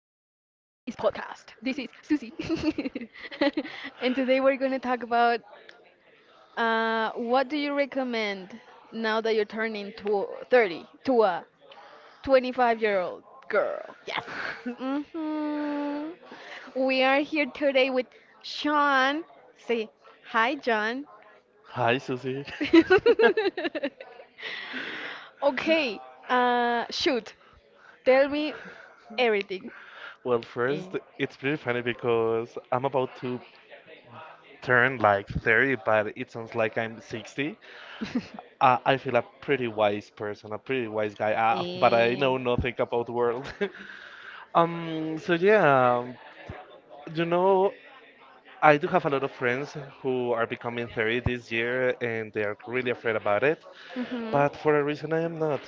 podcast. This is Susie. And today we're going to talk about what do you recommend now that you're turning to 30 to a 25-year-old girl? Yes. Hmm. We are here today with Sean. Say hi, John. Hi, Susie. Okay, shoot. Tell me everything. Well, Eh. first, it's pretty funny because I'm about to turn like 30, but it sounds like I'm 60. I feel a pretty wise person, a pretty wise guy, but I know Eh, nothing about the world. So yeah, you know, I do have a lot of friends who are becoming 30 this year and they are really afraid about it, mhm. but for a reason I am not.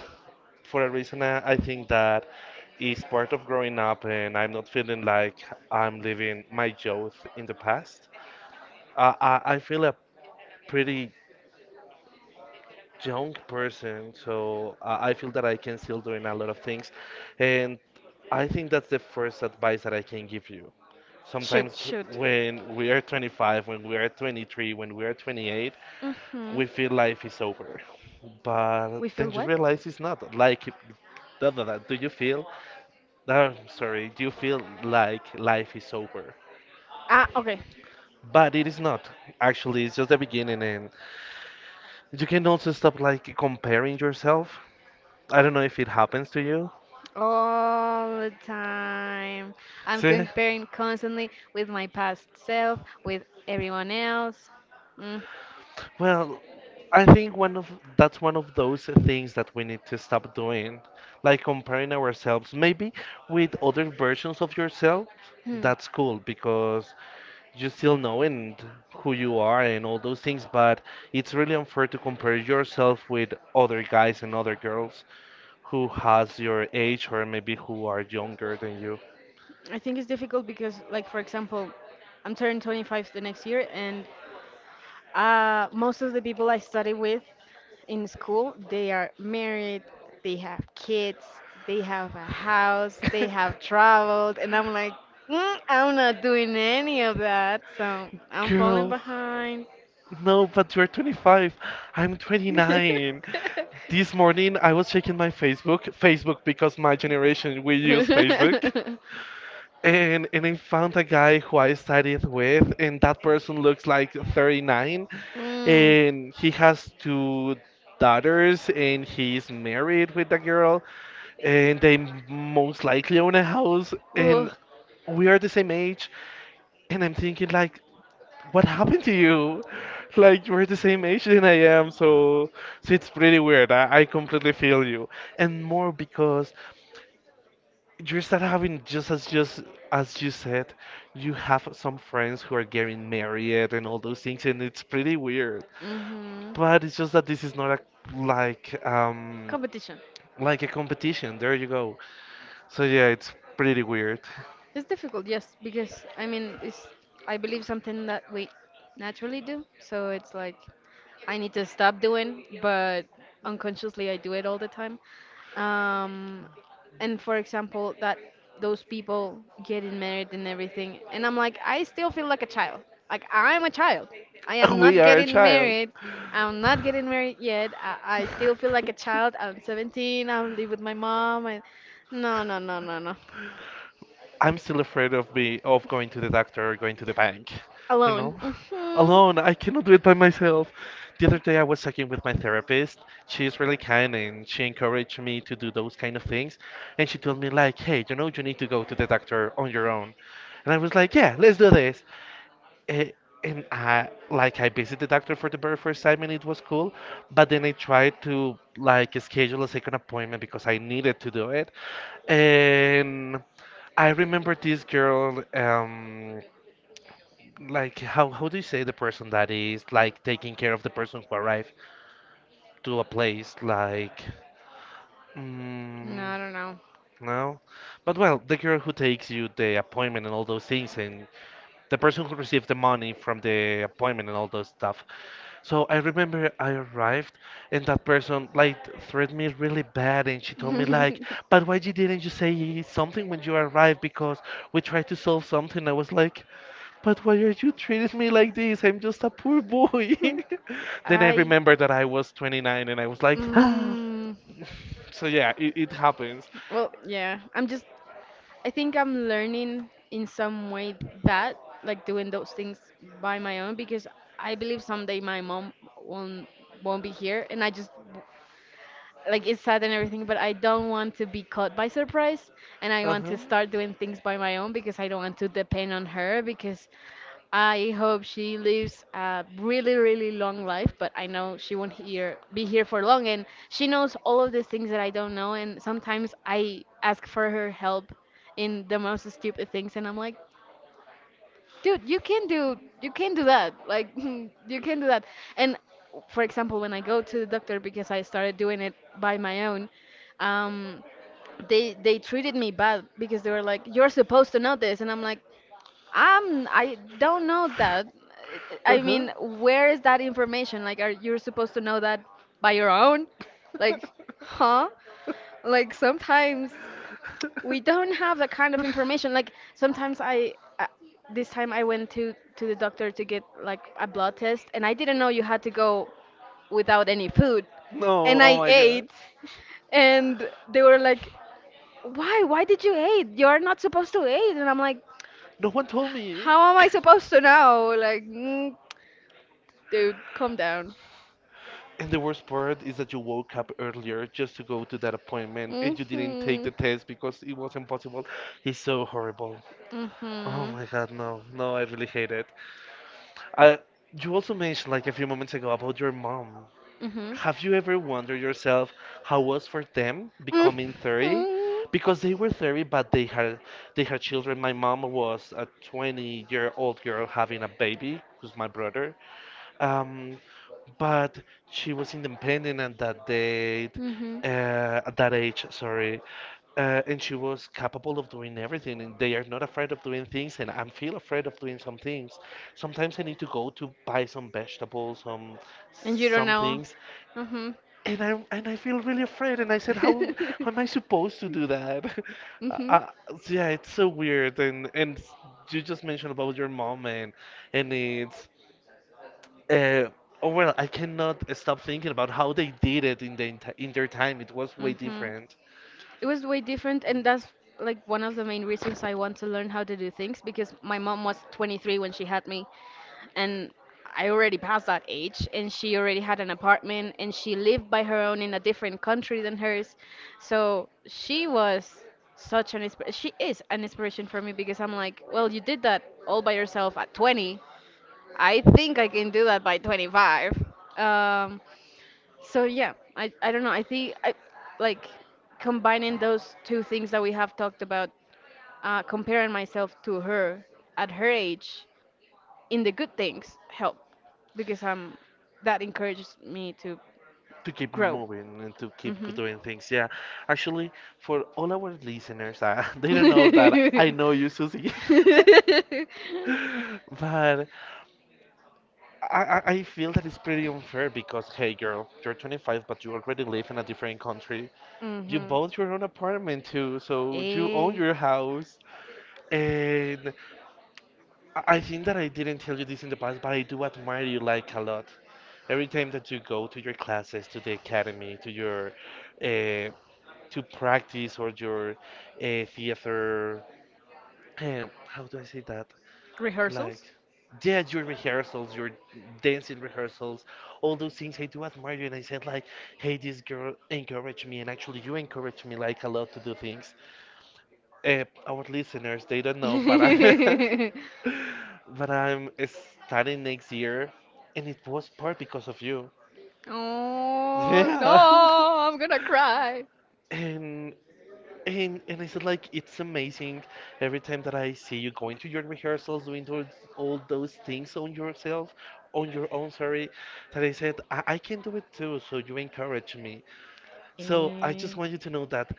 For a reason I think that is part of growing up, and I'm not feeling like I'm living my youth in the past. I feel a pretty young person, so I feel that I can still doing a lot of things. And I think that's the first advice that I can give you. Shoot, Sometimes shoot. when we are 25, when we are 23, when we are 28, we Mhm. feel life is over, but We then feel you what? realize it's not like da, da, da. Do you feel I'm sorry, you feel like life is over. Ah, okay. But it is not. Actually, it's just the beginning, and you can also stop like comparing yourself. I don't know if it happens to you. All the time. I'm See? comparing constantly with my past self, with everyone else. Hmm. Well, I think one of that's one of those things that we need to stop doing, like comparing ourselves maybe with other versions of yourself. That's cool because you still know and who you are and all those things, but it's really unfair to compare yourself with other guys and other girls who has your age or maybe who are younger than you. I think it's difficult because, like, for example, I'm turning 25 the next year, and most of the people I study with in school, they are married, they have kids, they have a house, they have traveled, and I'm like, I'm not doing any of that, so I'm falling Girl, behind. no, but you're 25. I'm 29. This morning I was checking my Facebook because my generation we use Facebook. And I found a guy who I studied with, and that person looks like 39, Mm. and he has two daughters, and he's married with a girl, and they most likely own a house, and Ugh. we are the same age, and I'm thinking like, what happened to you? Like you're the same age than I am, so it's pretty weird. I completely feel you, and more because you start having just as you said, you have some friends who are getting married and all those things, and it's pretty weird. Hmm. But it's just that this is not a like um Competition. like a competition. There you go. So yeah, it's pretty weird. It's difficult, yes, because I mean, it's I believe something that we naturally do. So it's like I need to stop doing, but unconsciously I do it all the time. Um, and for example, that those people getting married and everything, and I'm like, I still feel like a child. Like I'm a child. I am We not are a getting child. married. I'm not getting married yet. I still feel like a child. I'm 17. I live with my mom. And no, no, no, no, no. I'm still afraid of going to the doctor or going to the bank, you Alone. know? Hmm. Alone, I cannot do it by myself. The other day I was talking with my therapist. She's really kind and she encouraged me to do those kind of things. And she told me like, "Hey, you know, you need to go to the doctor on your own." And I was like, "Yeah, let's do this." Eh, And I visited the doctor for the very first time and it was cool, but then I tried to like schedule a second appointment because I needed to do it. And I remember this girl, like, how do you say the person that is like taking care of the person who arrived to a place, like, No, mm, I don't know. no, but well, the girl who takes you the appointment and all those things, and the person who received the money from the appointment and all those stuff. So I remember I arrived and that person like threatened me really bad and she told me like, but why you didn't you say something when you arrived because we tried to solve something. I was like, but why are you treating me like this? I'm just a poor boy. Then I I. remember that I was 29 and I was like, Mm, so yeah, it happens. well, yeah. I think I'm learning in some way that, like doing those things by my own, because I believe someday my mom won't be here, and I just like it's sad and everything, but I don't want to be caught by surprise and I want Uh-huh. to start doing things by my own because I don't want to depend on her because I hope she lives a really, really long life, but I know she won't here be here for long and she knows all of the things that I don't know and sometimes I ask for her help in the most stupid things and I'm like, dude you can do that, like you can do that. And for example, when I go to the doctor, because I started doing it by my own, um they treated me bad because they were like, you're supposed to know this, and I'm like, I don't know that. I Uh-huh. mean, where is that information? Like, are you're supposed to know that by your own? Like, huh like, sometimes we don't have that kind of information. Like, sometimes I uh, this time I went to the doctor to get like a blood test, and I didn't know you had to go without any food, No, and oh I my god. ate, and they were like, why did you eat? You're not supposed to eat. And I'm like, No one told me. how am I supposed to know? Like, dude, calm down. And the worst part is that you woke up earlier just to go to that appointment and you didn't take Mhm. the test because it was impossible. It's so horrible. Oh Mhm. my god, no. No, I really hate it. Uh, you also mentioned like a few moments ago about your mom. Mhm. Have you ever wondered yourself how was for them becoming Mhm. 30? Because they were 30, but they had Mhm. children. My mom was a 20-year-old girl having a baby, who's my brother, um, but she was independent at that date, at that age, sorry. And she was capable of doing everything, and they are not afraid of doing things, and I am feel afraid of doing some things. Sometimes I need to go to buy some vegetables, And you don't some know. things, Hmm. And I feel really afraid. And I said, how am I supposed to do that? uh, Mhm. uh, yeah, it's so weird. And you just mentioned about your mom, and it's uh, oh well, I cannot stop thinking about how they did it in their time. It was way Mhm. different It was way different, and that's like one of the main reasons I want to learn how to do things, because my mom was 23 when she had me, and I already passed that age, and she already had an apartment, and she lived by her own in a different country than hers. So she was she is an inspiration for me, because I'm like, well, you did that all by yourself at 20, I think I can do that by 25. Um, so yeah, I don't know. I think I like combining those two things that we have talked about, comparing myself to her at her age in the good things help, because that encourages me to to keep grow. moving and to keep Hmm. doing things. Yeah, actually, for all our listeners, they don't know that I know you, Susie, but I feel that it's pretty unfair because hey, girl, you're 25, but you already live in a different country. You Hmm. bought your own apartment too, so you own Eh, your house and. I think that I didn't tell you this in the past, but I do admire you like a lot. Every time that you go to your classes, to the academy, to your uh, to practice or your theater, how do I say that? Like, rehearsals. yeah, your rehearsals, your dancing rehearsals, all those things. I do admire you, and I said like, hey, this girl encouraged me, and actually you encouraged me like a lot to do things. Our listeners they don't know, but I, but I'm starting next year, and it was part because of you. Oh, no, Yeah. I'm gonna cry. And and I said like it's amazing every time that I see you going to your rehearsals, doing those, all those things on yourself, on your own, sorry, that I said I can do it too, so you encourage me. So I just want you to know that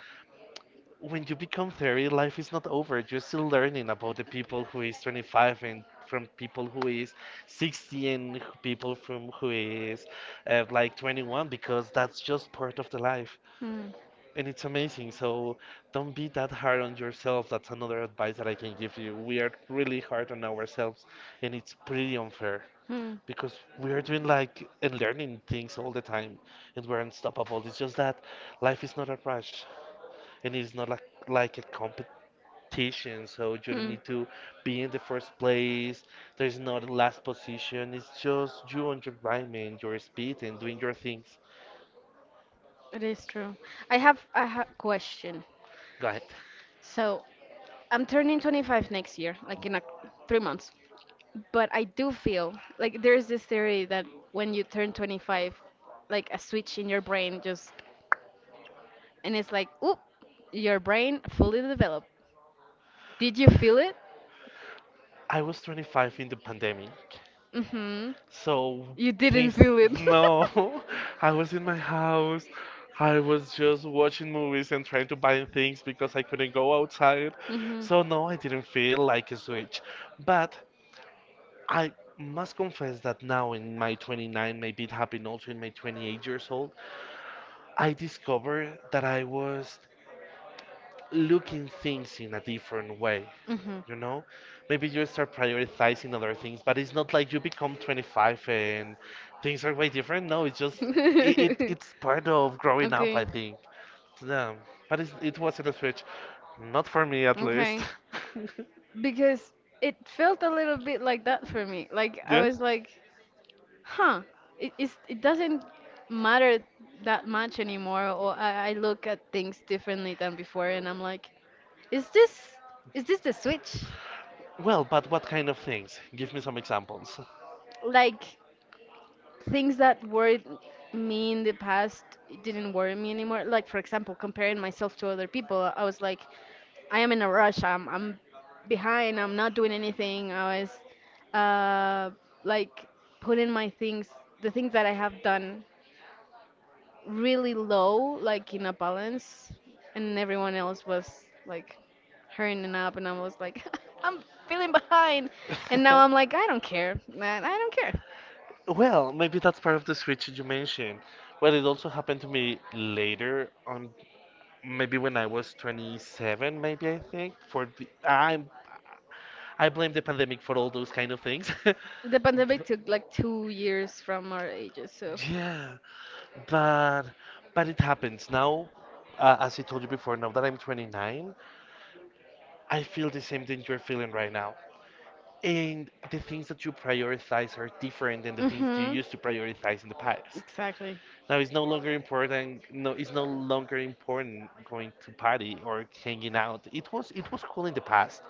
when you become 30, life is not over. You're still learning about the people who is 25 and from people who is 60 and people from who is like 21 because that's just part of the life. Hmm. And it's amazing. So don't be that hard on yourself. That's another advice that I can give you. We are really hard on ourselves and it's pretty unfair Hmm. because we are doing like and learning things all the time and we're unstoppable. It's just that life is not a rush and it's not like a competition, so you don't Hmm. need to be in the first place. There's not a last position. It's just you on your environment, your speed, and doing your things. It is true. I have a question. Go ahead. So I'm turning 25 next year, like 3 months. But I do feel like there is this theory that when you turn 25, like a switch in your brain just and it's like, oop, your brain fully developed. Did you feel it? I was 25 in the pandemic, Mm-hmm. so You didn't things. feel it. No, I was in my house. I was just watching movies and trying to buy things because I couldn't go outside. Mhm. So no, I didn't feel like a switch. But I must confess that now in my 29, maybe it happened also in my 28 years old, I discovered that I was looking things in a different way. Mhm. You know, maybe you start prioritizing other things, but it's not like you become 25 and things are way different. No, it's just it's part of growing up, I Okay. think. Yeah, but it wasn't a switch, not for me at least. Okay. Because it felt a little bit like that for me. Like I Yeah. was like, huh, it doesn't matter that much anymore, or I look at things differently than before, and I'm like, is this is this the switch? Well, but what kind of things? Give me some examples. Like, things that worried me in the past didn't worry me anymore. Like, for example, comparing myself to other people, I was like, I am in a rush. I'm behind. I'm not doing anything. I was like putting my things, the things that I have done, really low, like in a balance, and everyone else was like hurrying up, and I was like, I'm feeling behind, and now I'm like, I don't care, man. I don't care. Well, maybe that's part of the switch you mentioned. Well, it also happened to me later on maybe when I was 27, maybe I think for the I blame the pandemic for all those kind of things. The pandemic took like 2 years from our ages, so. Yeah, but it happens now. As I told you before, now that I'm 29, I feel the same thing you're feeling right now. And the things that you prioritize are different than the things you Mhm. used to prioritize in the past. Exactly. Now it's no longer important. No, it's no longer important going to party or hanging out. It was cool in the past.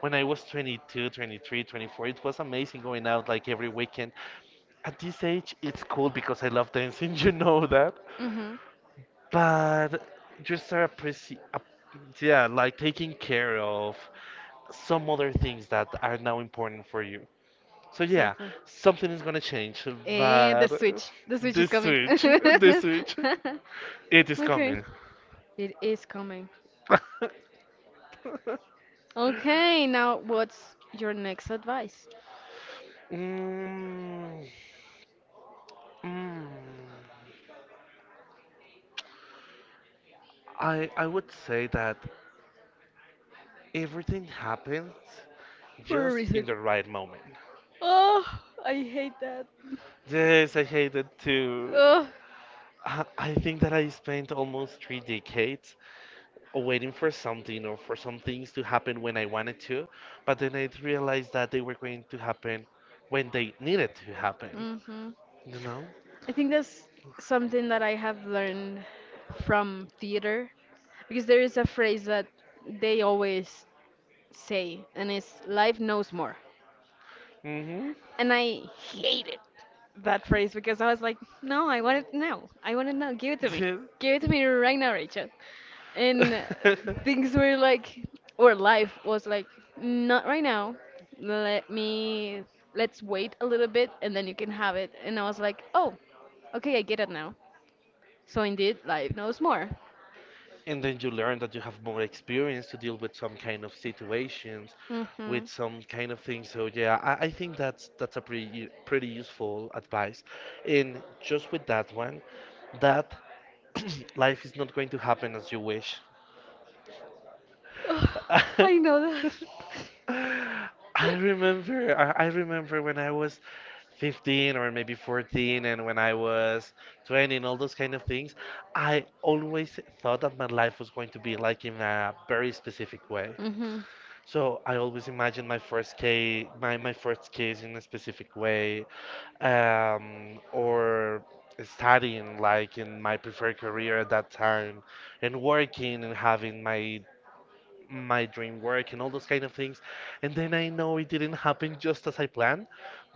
When I was 22, 23, 24, it was amazing going out like every weekend. At this age, it's cool because I love dancing, you know that. Mhm. But just start appreciating, yeah, like taking care of some other things that are now important for you. So yeah, Exactly. something is gonna change, but And the switch. The switch is this coming. switch, this switch, it is Okay. coming. It is coming. Okay, now what's your next advice? mm, mm, I would say that everything happens For a just in reason. the right moment. Oh, I hate that. Yes, I hate it too. Oh. I think that I spent almost 3 decades waiting for something or for some things to happen when I wanted to, but then I realized that they were going to happen when they needed to happen. Hmm. You know? I think that's something that I have learned from theater, because there is a phrase that they always say, and it's life knows more. Mm-hmm. And I hated that phrase because I was like, no, I want it now. I want it now. Give it to me. Give it to me right now, Rachel. And things were like, or life was like, not right now. Let me, let's wait a little bit and then you can have it. And I was like, oh, okay, I get it now. So indeed, life knows more. And then you learn that you have more experience to deal with some kind of situations Hmm. with some kind of things. So yeah, I think that's a pretty useful advice. And just with that one, that life is not going to happen as you wish. Ugh, I know that. I I remember when I was 15 or maybe 14, and when I was 20, and all those kind of things, I always thought that my life was going to be like in a very specific way. Hmm. So I always imagined my first case, my first case in a specific way, or studying like in my preferred career at that time, and working and having my dream work and all those kind of things. And then I know it didn't happen just as I planned,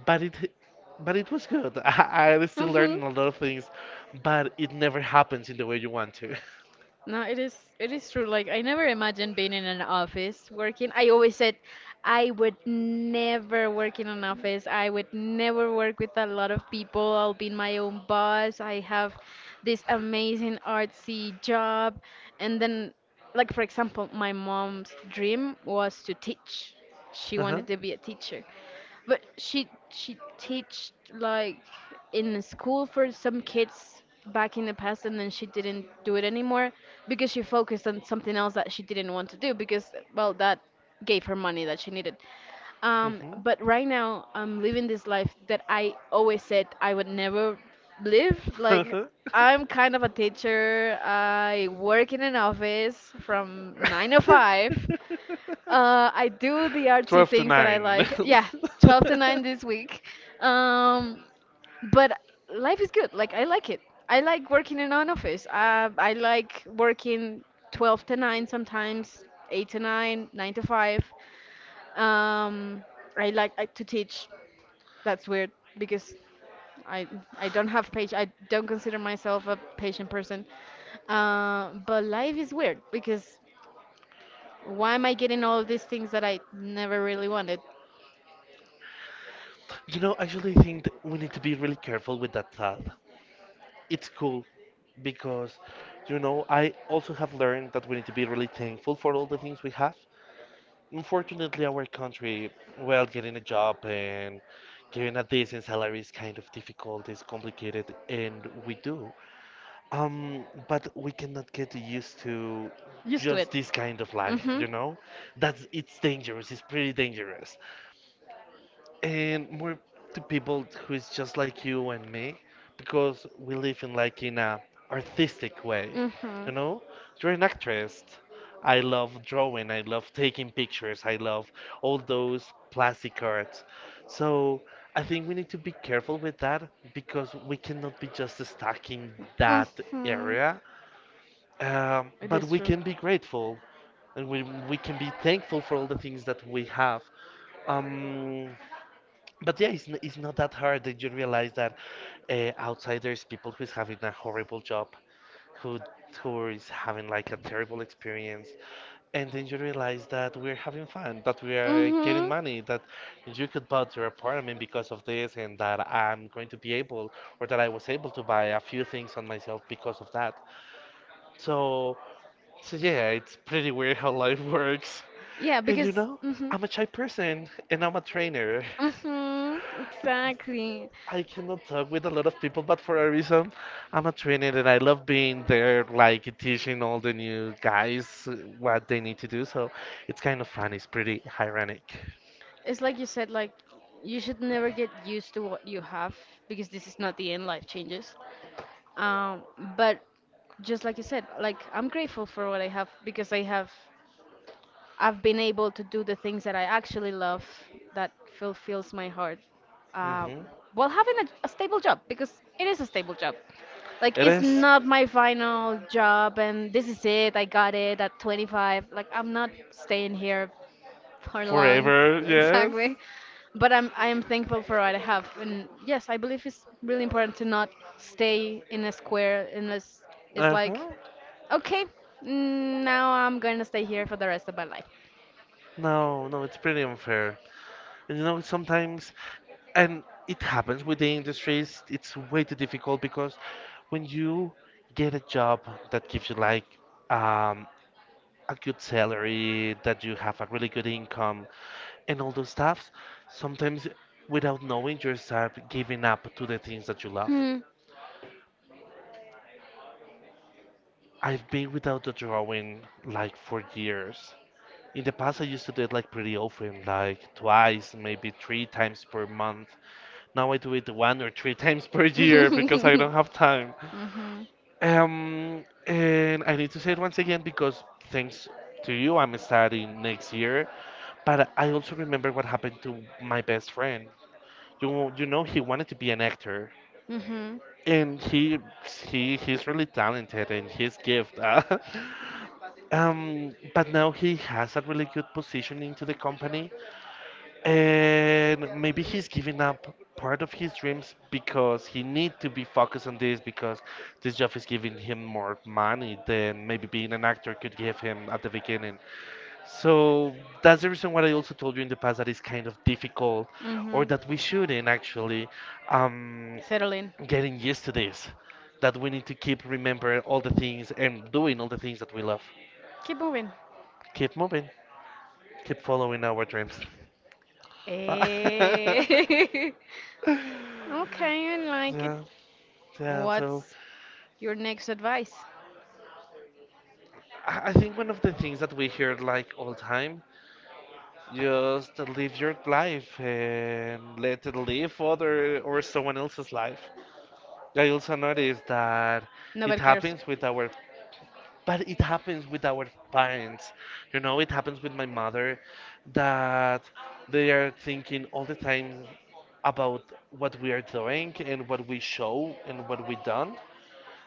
but it but it was good. I still Hmm. learned a lot of things, but it never happens in the way you want to. No, it is true. Like, I never imagined being in an office working. I always said I would never work in an office. I would never work with a lot of people. I'll be my own boss. I have this amazing artsy job. And then, like, for example, my mom's dream was to teach. She Uh-huh. wanted to be a teacher. But she teached like in the school for some kids back in the past, and then she didn't do it anymore because she focused on something else that she didn't want to do because, well, that gave her money that she needed. Um, Mhm. but right now I'm living this life that I always said I would never live. Like, Uh-huh. I'm kind of a teacher. I work in an office from 9 to 5. I do the artsy things that I like. Yeah, 12 to 9 this week. Um, but life is good. Like, I like it. I like working in an office. I like working 12 to 9 sometimes, 8 to 9, 9 to 5. Um, I like to teach. That's weird because I I don't have page. I don't consider myself a patient person. But life is weird because, why am I getting all of these things that I never really wanted? You know, actually, I think that we need to be really careful with that thought. It's cool because, you know, I also have learned that we need to be really thankful for all the things we have. Unfortunately, our country, well, getting a job and getting a decent salary is kind of difficult, it's complicated, and we do. But we cannot get used to Used to it. just this kind of life, Mm-hmm. you know? That's, it's dangerous, it's pretty dangerous. And more to people who is just like you and me, because we live in like in a artistic way, Mm-hmm. you know? You're an actress. I love drawing, I love taking pictures, I love all those plastic arts. So I think we need to be careful with that because we cannot be just stuck in that Mm-hmm. area, but we can be grateful, and we can be thankful for all the things that we have. Um, but yeah, it's not that hard that you realize that outsiders, people who's having a horrible job, who who is having like a terrible experience, and then you realize that we're having fun, that we are getting Mm-hmm. money, that you could buy your apartment because of this, and that I'm going to be able, or that I was able to buy a few things on myself because of that. So yeah, it's pretty weird how life works. Yeah, And because. you know, Mm-hmm. Mm-hmm. I'm a shy person and I'm a trainer. Exactly. I cannot talk with a lot of people, but for a reason, I'm a trainer and I love being there, like teaching all the new guys what they need to do. So it's kind of fun. It's pretty ironic. It's like you said, like, you should never get used to what you have because this is not the end, life changes. Um, but just like you said, like, I'm grateful for what I have because I've been able to do the things that I actually love, that fulfills my heart. Uh, Hmm. while having a stable job, because it is a stable job. Like, It it's is not my final job and this is it. I got it at 25. Like, I'm not staying here for long. forever. Yes. Exactly. But I am thankful for what I have, and yes, I believe it's really important to not stay in a square unless it's Uh like, huh. okay, now I'm going to stay here for the rest of my life. No, no, it's pretty unfair. And you know, sometimes, and it happens with the industries, it's way too difficult because when you get a job that gives you like um, a good salary, that you have a really good income and all those stuff, sometimes without knowing you start giving up to the things that you love. Hmm. I've been without a drawing like for years. In the past I used to do it like pretty often, like twice, maybe three times per month. Now I do it one or three times per year because I Mhm. don't have time. And I need to say it once again because thanks to you, I'm starting next year. But I also remember what happened to my best friend. You know, he wanted to be an actor, Mhm. and he's really talented and he's gift. But now he has a really good position into the company, and maybe he's giving up part of his dreams because he need to be focused on this, because this job is giving him more money than maybe being an actor could give him at the beginning. So that's the reason what I also told you in the past, that it's kind of difficult, or Mhm. that we shouldn't actually um, Settle in. getting used to this, that we need to keep remembering all the things and doing all the things that we love. Keep moving. Keep moving, keep following our dreams. Eh. Okay, I like it. Yeah, yeah. So What's your next advice? I think one of the things that we hear like all time, just live your life and let it live other or someone else's life. I also noticed that it Nobody cares. happens with our, but it happens with our parents. You know, it happens with my mother, that they are thinking all the time about what we are doing and what we show and what we don't.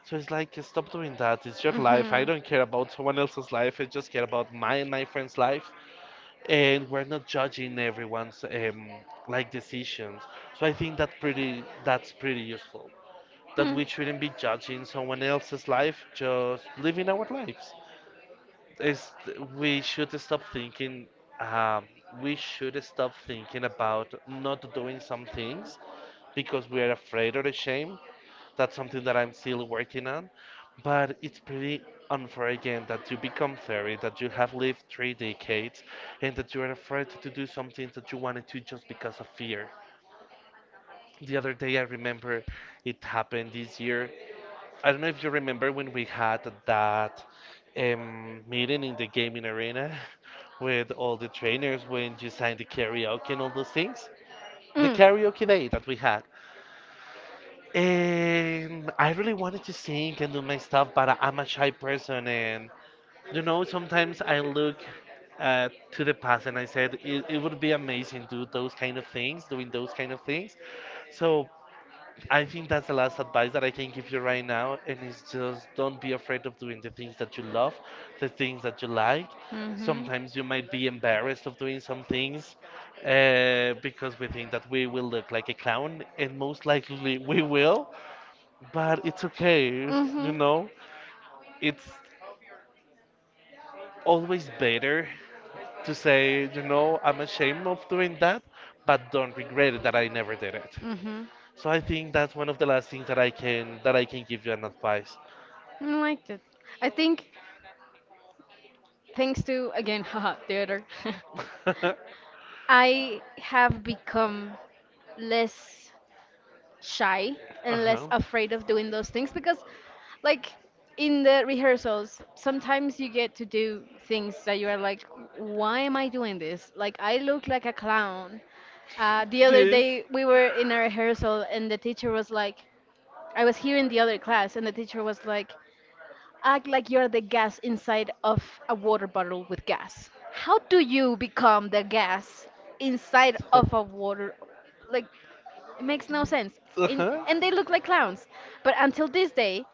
So it's like, stop doing that. It's your life. I Mhm. don't care about someone else's life. I just care about my and my friend's life. And we're not judging everyone's like decisions. So I think that's pretty useful. That Mm. we shouldn't be judging someone else's life, just living our lives is we should stop thinking, um, we should stop thinking about not doing some things because we are afraid of the shame. That's something that I'm still working on, but it's pretty unfair again, that you become 30, that you have lived 3 decades, and that you are afraid to do something that you wanted to just because of fear. The other day, I remember it happened this year, I don't know if you remember when we had that meeting in the gaming arena with all the trainers when you signed the karaoke and all those things. The Mm. karaoke day that we had. And I really wanted to sing and do my stuff, but I'm a shy person. And, you know, sometimes I look to the past and I said, it would be amazing to do those kind of things, doing those kind of things. So I think that's the last advice that I can give you right now, and it's just don't be afraid of doing the things that you love, the things that you like. Mhm. Sometimes you might be embarrassed of doing some things because we think that we will look like a clown, and most likely we will, but it's okay, you Mhm. know? It's always better to say, you know, I'm ashamed of doing that, but don't regret it that I never did it. Mhm. So I think that's one of the last things that I can give you an advice. I liked it. I think, thanks to, again, haha, theater, Uh-huh. I have become less shy and less afraid of doing those things, because, like, in the rehearsals, sometimes you get to do things that you are like, why am I doing this? Like, I look like a clown. The other Yes. day, we were in a rehearsal, and the teacher was like, I was here in the other class, and the teacher was like, act like you're the gas inside of a water bottle with gas. How do you become the gas inside But, of a water? Like, it makes no sense. Uh-huh. And they look like clowns. But until this day,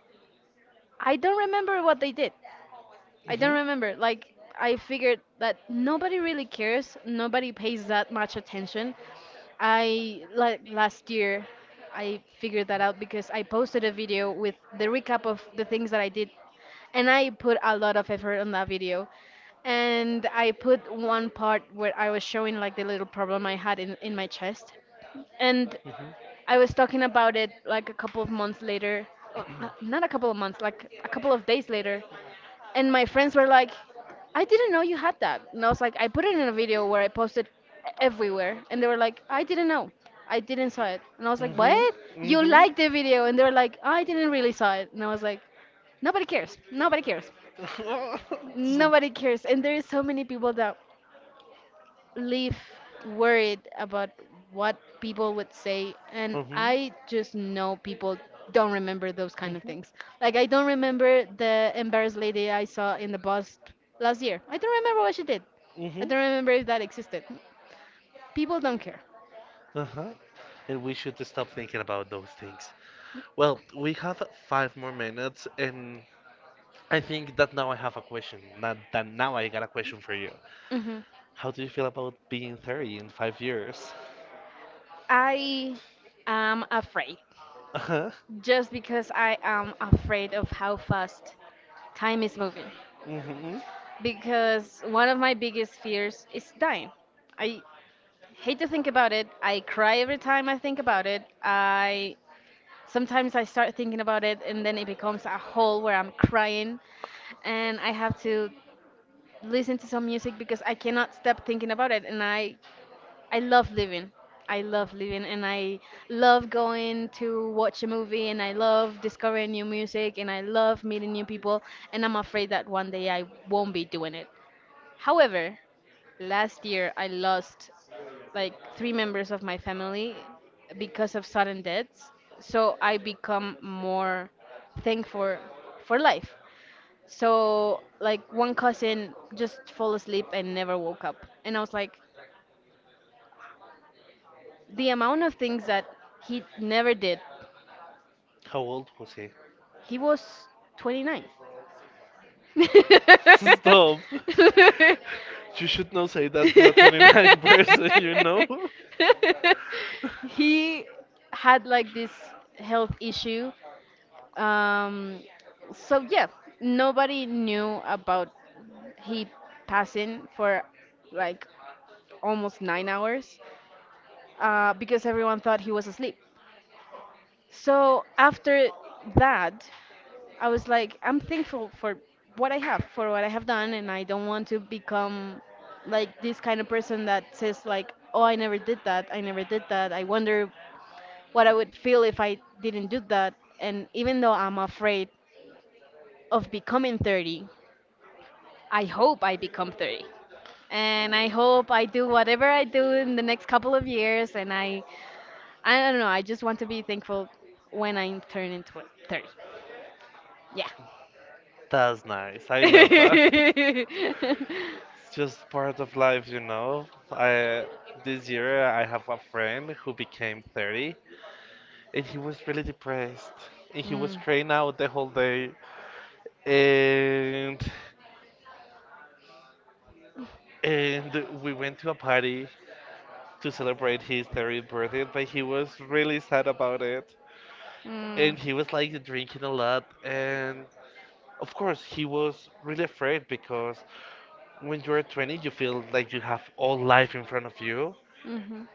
I don't remember what they did. I don't remember. Like, I figured that nobody really cares, nobody pays that much attention. I like Mhm. last year I figured that out because I posted a video with the recap of the things that I did, and I put a lot of effort on that video. And I put one part where I was showing like the little problem I had in my chest. And I was talking about it like a couple of months later. Oh, not a couple of months, like a couple of days later. And my friends were like, I didn't know you had that. And I was like, I put it in a video where I posted everywhere. And they were like, I didn't know. I didn't saw it. And I was like, what? You liked the video. And they were like, "Oh, I didn't really saw it." And I was like, nobody cares. Nobody cares. Nobody cares. And there is so many people that live worried about what people would say. And Mhm. I just know people don't remember those kind of Mhm. things. Like, I don't remember the embarrassed lady I saw in the bus last year. I don't remember what she did. I Mhm. don't remember if that existed. People don't care. Uh-huh. And we should stop thinking about those things. Well, we have 5 more minutes, and I think that now I have a question. Not that now I got a question for you. Hmm. How do you feel about being 30 in 5 years? I am afraid Uh-huh. just because I am afraid of how fast time is moving, Mm-hmm. because one of my biggest fears is dying. I hate to think about it. I cry every time I think about it. I sometimes I start thinking about it and then it becomes a hole where I'm crying, and I have to listen to some music because I cannot stop thinking about it. And I love living. I love living, and I love going to watch a movie, and I love discovering new music, and I love meeting new people, and I'm afraid that one day I won't be doing it. However, last year, I lost like three members of my family because of sudden deaths. So I become more thankful for life. So like one cousin just fell asleep and never woke up. And I was like, the amount of things that he never did. How old was he? He was 29. Stop. You should not say that to a 29 person, you know? He had like this health issue. Um, so yeah, nobody knew about he passing for like almost 9 hours because everyone thought he was asleep. So after that, I was like, I'm thankful for what I have, for what I have done, and I don't want to become like this kind of person that says like, oh, I never did that, I never did that. I wonder what I would feel if I didn't do that. And even though I'm afraid of becoming 30, I hope I become 30. And I hope I do whatever I do in the next couple of years. And I don't know, I just want to be thankful when I turn into 30. Yeah. That's nice. I love that. It's just part of life, you know. I This year I have a friend who became 30, and he was really depressed, and he was Mm. crying out the whole day. and and we went to a party to celebrate his 30th birthday, but he was really sad about it, Mm. and he was like drinking a lot. And of course he was really afraid, because when you're 20 you feel like you have all life in front of you. Mhm.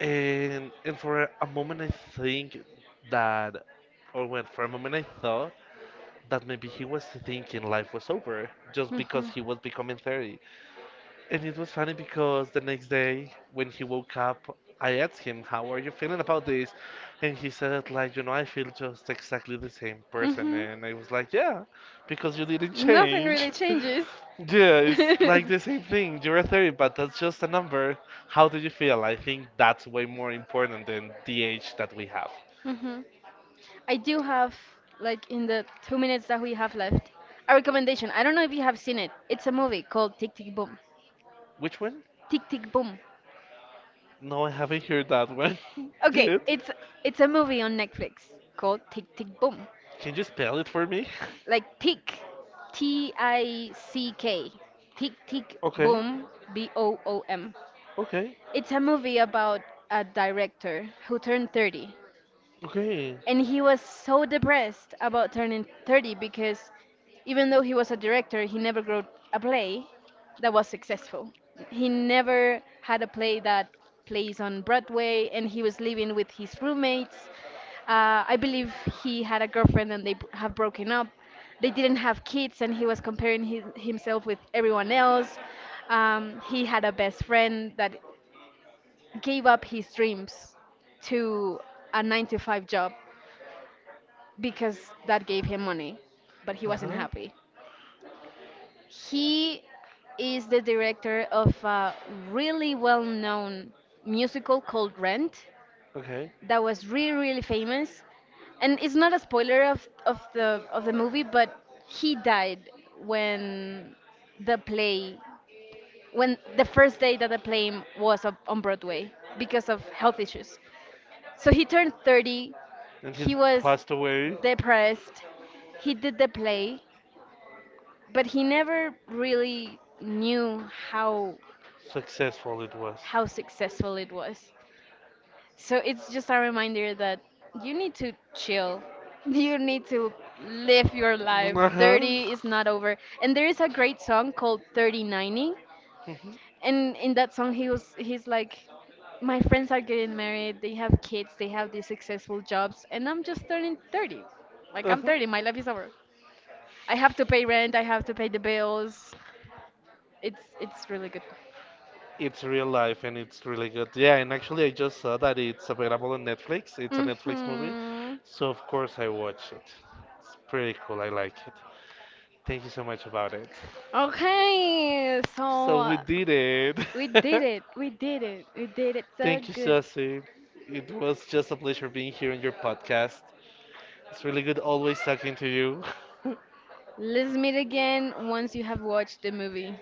And for a moment I think that or when for a moment I thought that maybe he was thinking life was over just because Mhm. he was becoming 30. And it was funny because the next day when he woke up, I asked him, how are you feeling about this? And he said, like, you know, I feel just exactly the same person. Mhm. And I was like, yeah, because you didn't Nothing really change. changes. Yeah, it's like the same thing. You're a 30, but that's just a number. How do you feel? I think that's way more important than the age that we have. Mhm. I do have, like, in the 2 minutes that we have left, a recommendation. I don't know if you have seen it. It's a movie called Tick Tick Boom. Which one? Tick Tick Boom. No, I haven't heard that one Okay, yet. It's a movie on Netflix called Tick Tick Boom. Can you spell it for me? Like Tick, T I C K, Tick Tick Okay. Boom, B O O M. Okay. It's a movie about a director who turned 30, Okay. and he was so depressed about turning 30 because even though he was a director, he never wrote a play that was successful. He never had a play that plays on Broadway, and he was living with his roommates. I believe he had a girlfriend and they have broken up. They didn't have kids, and he was comparing himself with everyone else. He had a best friend that gave up his dreams to a 9 to 5 job because that gave him money, but he Uh wasn't huh. happy. He is the director of a really well known musical called Rent Okay. that was really, really famous. And it's not a spoiler of the movie, but he died when the play when the first day that the play was up on Broadway, because of health issues. So he turned 30. And he He was passed away. depressed. He did the play but he never really knew how Successful it was. how successful it was. So it's just a reminder that you need to chill. You need to live your life. Uh huh. 30 is not over. And there is a great song called 3090. Mhm. And in that song he's like, my friends are getting married, they have kids, they have these successful jobs, and I'm just turning 30. Like Uh I'm huh. 30, my life is over. I have to pay rent, I have to pay the bills. It's really good. It's real life and it's really good. Yeah, and actually I just saw that it's available on Netflix. It's a Netflix movie, Mm-hmm. so of course I watch it. It's pretty cool. I like it. Thank you so much about it. Okay, so So we did we did it. it. We did it. We did it so Thank you, good. Susie. It was just a pleasure being here on your podcast. It's really good always talking to you. Let's meet again once you have watched the movie.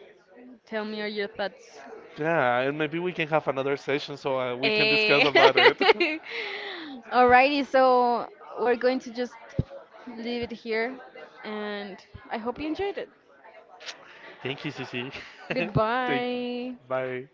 Tell me all your thoughts. Yeah, and maybe we can have another session so we can discuss Hey. about it. Alrighty, so we're going to just leave it here, and I hope you enjoyed it. Thank you, Susie. Thank you. Goodbye. Bye.